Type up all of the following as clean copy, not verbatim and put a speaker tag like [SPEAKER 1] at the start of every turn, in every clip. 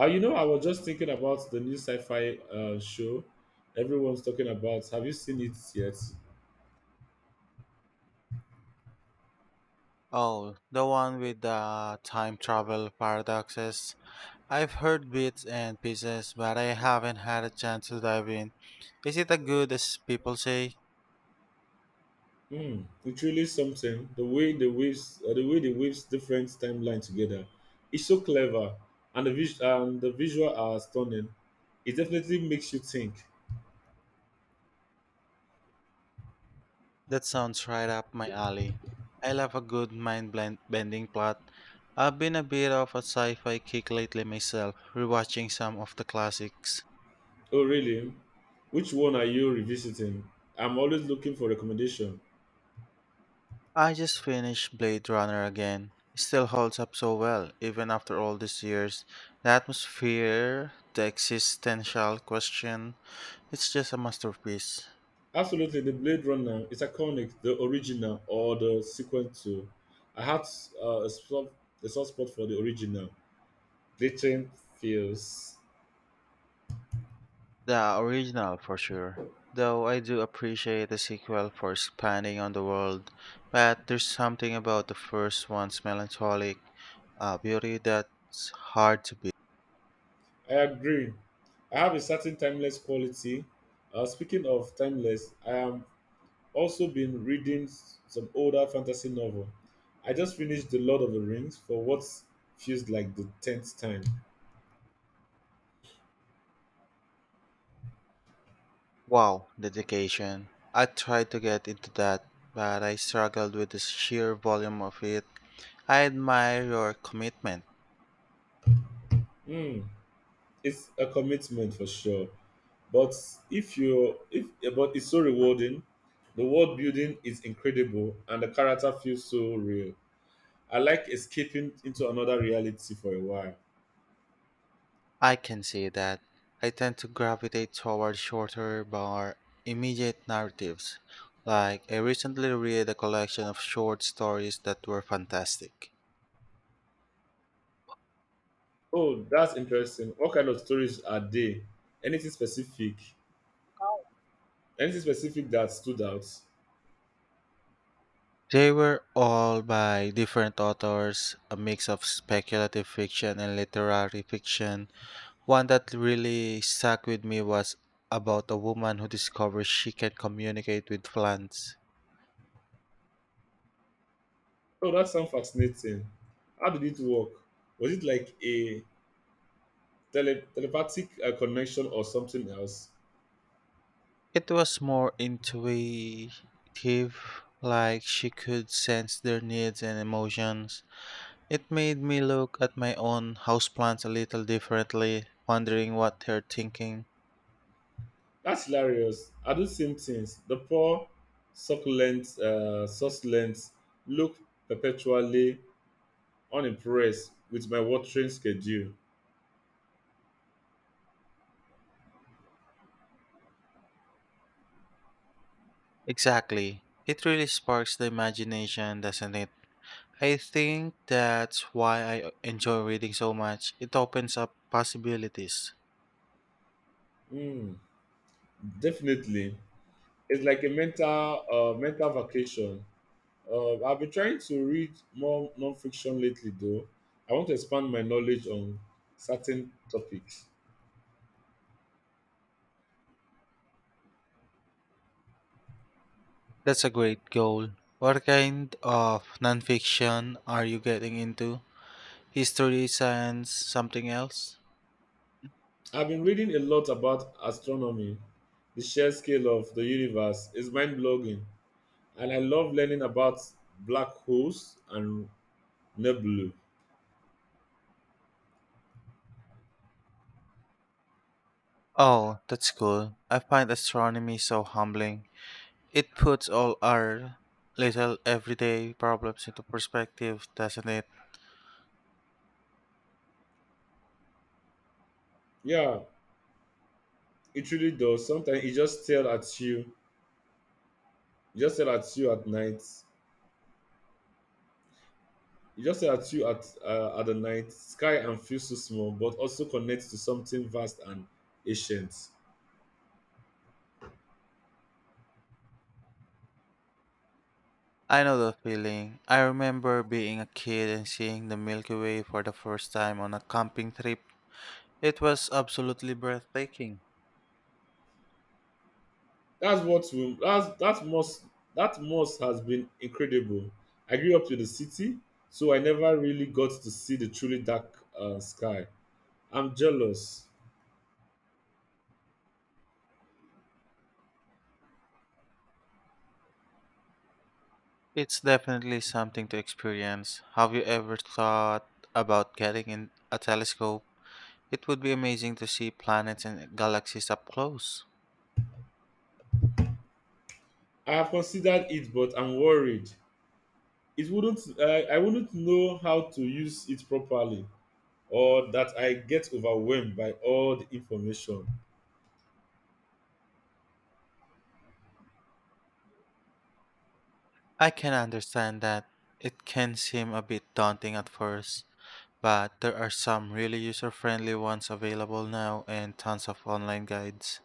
[SPEAKER 1] I was just thinking about the new sci-fi show everyone's talking about. Have you seen it yet?
[SPEAKER 2] Oh, the one with the time travel paradoxes. I've heard bits and pieces, but I haven't had a chance to dive in. Is it as good as people say?
[SPEAKER 1] Hmm, it's really something. The way the waves, the way they waves different timeline together, it's so clever, and the visual are stunning. It definitely makes you think.
[SPEAKER 2] That sounds right up my alley. I love a good bending plot. I've been a bit of a sci fi kick lately myself, rewatching some of the classics.
[SPEAKER 1] Oh, really? Which one are you revisiting? I'm always looking for recommendation.
[SPEAKER 2] I just finished Blade Runner again. It still holds up so well, even after all these years. The atmosphere, the existential question, it's just a masterpiece.
[SPEAKER 1] Absolutely, the Blade Runner is iconic, the original or the sequel to. I had uh, a, soft, a soft spot for the original. Glitching feels.
[SPEAKER 2] The original, for sure. Though I do appreciate the sequel for expanding on the world, but there's something about the first one's melancholic beauty that's hard to beat.
[SPEAKER 1] I agree. I have a certain timeless quality. Speaking of timeless, I am also been reading some older fantasy novel. I just finished The Lord of the Rings for what feels like the tenth time.
[SPEAKER 2] Wow, dedication. I tried to get into that, but I struggled with the sheer volume of it. I admire your commitment.
[SPEAKER 1] Hmm, it's a commitment for sure, but if you if but it's so rewarding. The world building is incredible and the character feels so real. I like escaping into another reality for a while.
[SPEAKER 2] I can see that. I tend to gravitate toward shorter, more immediate narratives. Like, I recently read a collection of short stories that were fantastic.
[SPEAKER 1] Oh, that's interesting. What kind of stories are they? anything specific Anything specific that stood out?
[SPEAKER 2] They were all by different authors, a mix of speculative fiction and literary fiction. One that really stuck with me was about a woman who discovers she can communicate with plants.
[SPEAKER 1] Oh, that sounds fascinating. How did it work? Was it like a telepathic connection or something else?
[SPEAKER 2] It was more intuitive, like she could sense their needs and emotions. It made me look at my own houseplants a little differently, wondering what they're thinking.
[SPEAKER 1] That's hilarious. I do same things. The poor succulents look perpetually unimpressed with my watering schedule.
[SPEAKER 2] Exactly. It really sparks the imagination, doesn't it? I think that's why I enjoy reading so much. It opens up possibilities.
[SPEAKER 1] Mm, definitely, it's like a mental vacation. I've been trying to read more non-fiction lately, though. I want to expand my knowledge on certain topics.
[SPEAKER 2] That's a great goal. What kind of nonfiction are you getting into? History, science, something else?
[SPEAKER 1] I've been reading a lot about astronomy. The sheer scale of the universe is mind-blowing, and I love learning about black holes and nebulae.
[SPEAKER 2] Oh, that's cool. I find astronomy so humbling. It puts all our little everyday problems into perspective, doesn't it?
[SPEAKER 1] Yeah, it really does. Sometimes it just stare at you at night. It just stare at you at the night sky and feels so small, but also connects to something vast and ancient.
[SPEAKER 2] I know the feeling. I remember being a kid and seeing the Milky Way for the first time on a camping trip. It was absolutely breathtaking.
[SPEAKER 1] That's what we, that's that must has been incredible. I grew up in the city, so I never really got to see the truly dark sky. I'm jealous.
[SPEAKER 2] It's definitely something to experience. Have you ever thought about getting in a telescope? It would be amazing to see planets and galaxies up close.
[SPEAKER 1] I have considered it, but I'm worried it wouldn't. I wouldn't know how to use it properly, or that I get overwhelmed by all the information.
[SPEAKER 2] I can understand that it can seem a bit daunting at first, but there are some really user friendly ones available now and tons of online guides.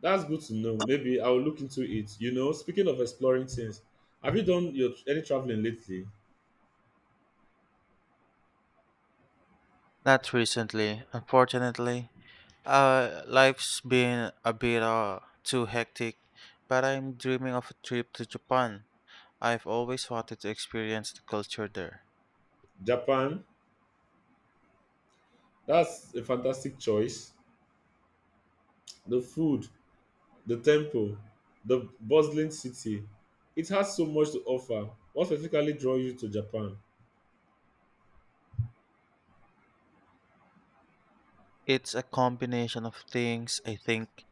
[SPEAKER 1] That's good to know. Maybe I'll look into it. You know, speaking of exploring things, have you done your any traveling lately?
[SPEAKER 2] Not recently, unfortunately. Life's been a bit too hectic, but I'm dreaming of a trip to Japan. I've always wanted to experience the culture there.
[SPEAKER 1] Japan, that's a fantastic choice. The food, the temple, the bustling city, it has so much to offer. What specifically draw you to japan?
[SPEAKER 2] It's a combination of things, I think.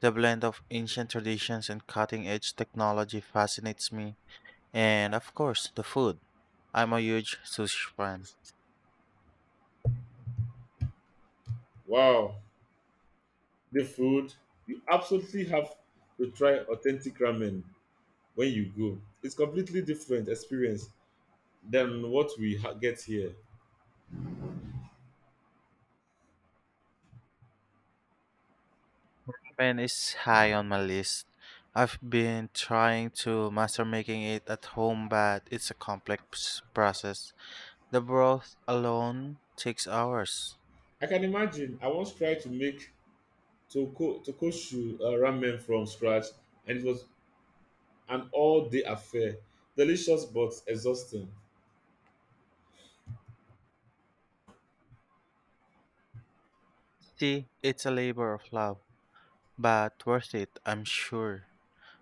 [SPEAKER 2] The blend of ancient traditions and cutting edge technology fascinates me. And of course, the food. I'm a huge sushi fan.
[SPEAKER 1] Wow, the food. You absolutely have to try authentic ramen when you go. It's completely different experience than what get here.
[SPEAKER 2] Ramen is high on my list. I've been trying to master making it at home, but it's a complex process. The broth alone takes hours.
[SPEAKER 1] I can imagine. I once tried to make tokoshu ramen from scratch, and it was an all-day affair. Delicious but exhausting.
[SPEAKER 2] See, it's a labor of love, but worth it, I'm sure.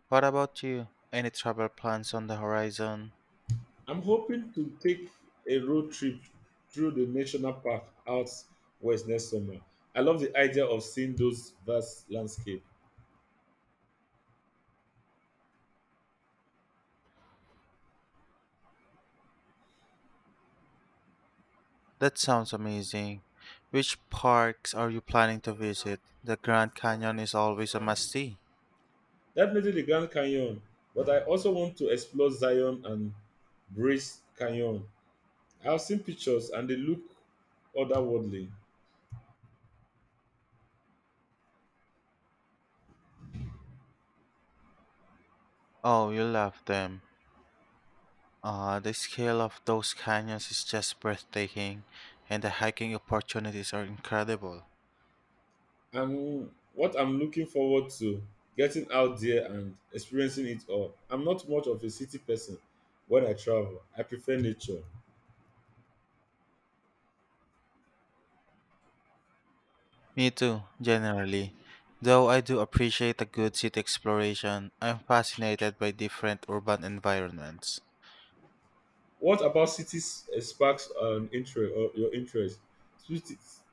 [SPEAKER 2] What about you? Any travel plans on the horizon?
[SPEAKER 1] I'm hoping to take a road trip through the national park out west next summer. I love the idea of seeing those vast landscape.
[SPEAKER 2] That sounds amazing. Which parks are you planning to visit? The Grand Canyon is always a must see.
[SPEAKER 1] Definitely the Grand Canyon, but I also want to explore Zion and Bryce Canyon. I've seen pictures and they look otherworldly.
[SPEAKER 2] Oh, you love them. The scale of those canyons is just breathtaking, and the hiking opportunities are incredible.
[SPEAKER 1] I'm looking forward to getting out there and experiencing it all. I'm not much of a city person when I travel. I prefer nature.
[SPEAKER 2] Me too, generally. Though I do appreciate a good city exploration, I'm fascinated by different urban environments.
[SPEAKER 1] What about cities sparks an interest or your interest? Cities-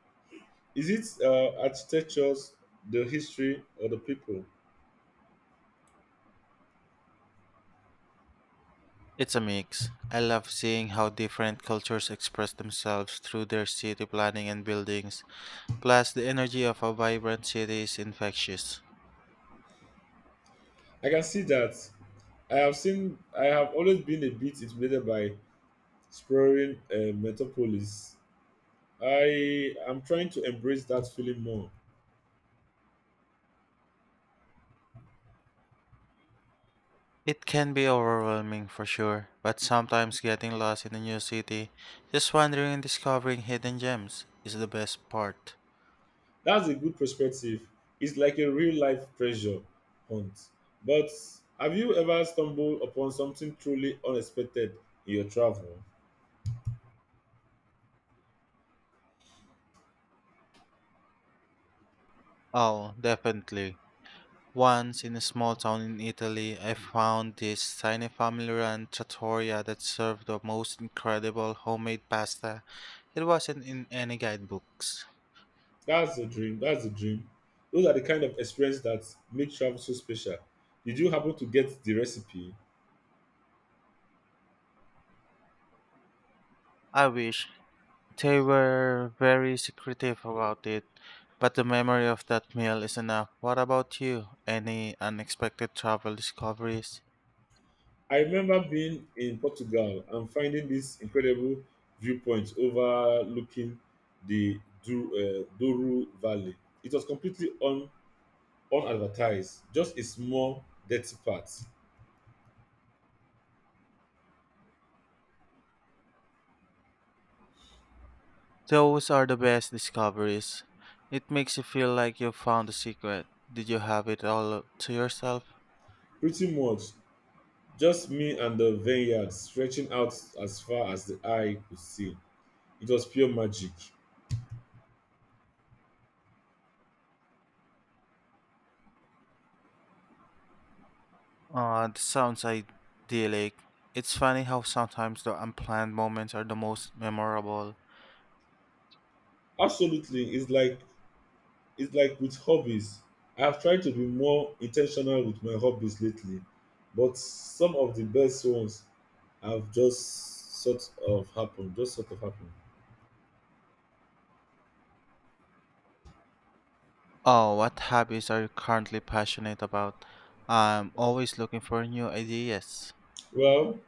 [SPEAKER 1] is it architectures, the history, or the people?
[SPEAKER 2] It's a mix. I love seeing how different cultures express themselves through their city planning and buildings, plus, the energy of a vibrant city is infectious.
[SPEAKER 1] I can see that. I have seen. I have always been a bit intimidated by exploring metropolis. I am trying to embrace that feeling more.
[SPEAKER 2] It can be overwhelming for sure, but sometimes getting lost in a new city, just wandering and discovering hidden gems is the best part.
[SPEAKER 1] That's a good perspective. It's like a real life treasure hunt. But have you ever stumbled upon something truly unexpected in your travel?
[SPEAKER 2] Oh, definitely. Once in a small town in Italy, I found this tiny family run trattoria that served the most incredible homemade pasta. It wasn't in any guidebooks.
[SPEAKER 1] That's the dream. Those are the kind of experience that make travel so special. Did you happen to get the recipe?
[SPEAKER 2] I wish. They were very secretive about it, but the memory of that meal is enough. What about you? Any unexpected travel discoveries?
[SPEAKER 1] I remember being in Portugal and finding this incredible viewpoint overlooking the Douro Valley. It was completely on unadvertised, just a small, dirty part.
[SPEAKER 2] Those are the best discoveries. It makes you feel like you found the secret. Did you have it all to yourself?
[SPEAKER 1] Pretty much just me and the vineyard stretching out as far as the eye could see. It was pure magic.
[SPEAKER 2] That sounds idyllic. It's funny how sometimes the unplanned moments are the most memorable.
[SPEAKER 1] Absolutely, it's like with hobbies. I have tried to be more intentional with my hobbies lately, but some of the best ones have just sort of happened.
[SPEAKER 2] Oh, what hobbies are you currently passionate about? I'm always looking for new ideas.
[SPEAKER 1] Well,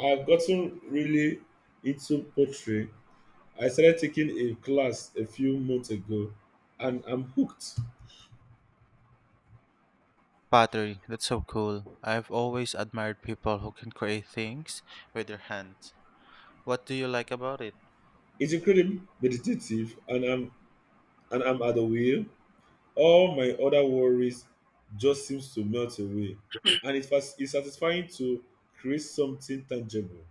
[SPEAKER 1] I've gotten really into pottery. I started taking a class a few months ago and I'm hooked.
[SPEAKER 2] Pottery, that's so cool. I've always admired people who can create things with their hands. What do you like about it?
[SPEAKER 1] It's incredibly meditative, and I'm at the wheel. All my other worries just seems to melt away. And it's satisfying to create something tangible.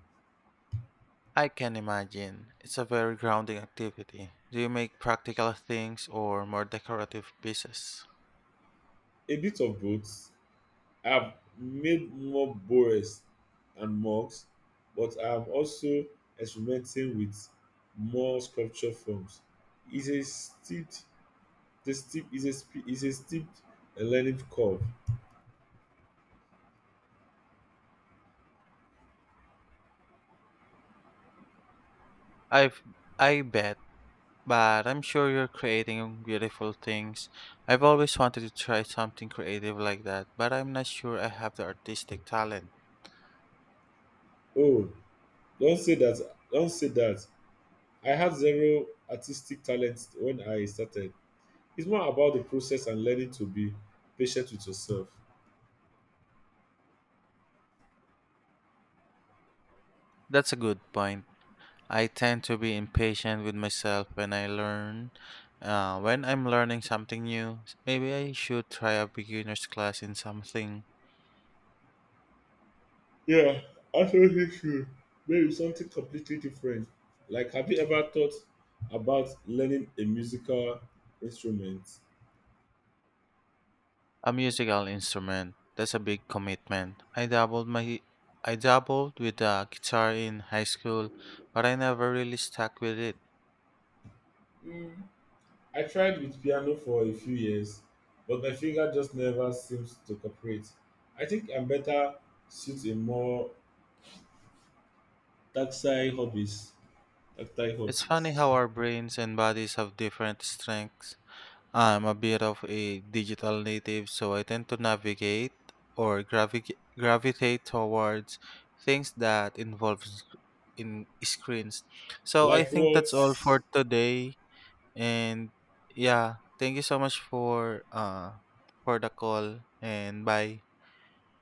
[SPEAKER 2] I can imagine. It's a very grounding activity. Do you make practical things or more decorative pieces?
[SPEAKER 1] A bit of both. I've made more bores and mugs, but I'm also experimenting with more sculpture forms. It's a steep The steep is a sp- is a steep learning curve.
[SPEAKER 2] I've I bet, but I'm sure you're creating beautiful things. I've always wanted to try something creative like that, but I'm not sure I have the artistic talent.
[SPEAKER 1] Oh, don't say that. I had zero artistic talent when I started. It's more about the process and learning to be patient with yourself.
[SPEAKER 2] That's a good point. I tend to be impatient with myself when I learn. When I'm learning something new, maybe I should try a beginner's class in something.
[SPEAKER 1] Yeah, I feel issue. Maybe something completely different. Like, have you ever thought about learning a musical instrument?
[SPEAKER 2] A musical instrument. That's a big commitment. I dabbled my I dabbled with the guitar in high school, but I never really stuck with it.
[SPEAKER 1] I tried with piano for a few years, but my finger just never seems to cooperate. I think I'm better suit a more tactile hobbies. Tactile
[SPEAKER 2] It's funny
[SPEAKER 1] hobbies.
[SPEAKER 2] how our brains and bodies have different strengths. I'm a bit of a digital native, so I tend to navigate or gravitate towards things that involves in screens. So I
[SPEAKER 1] Like
[SPEAKER 2] think
[SPEAKER 1] what?
[SPEAKER 2] that's all for today, and yeah, thank you so much for the call and bye.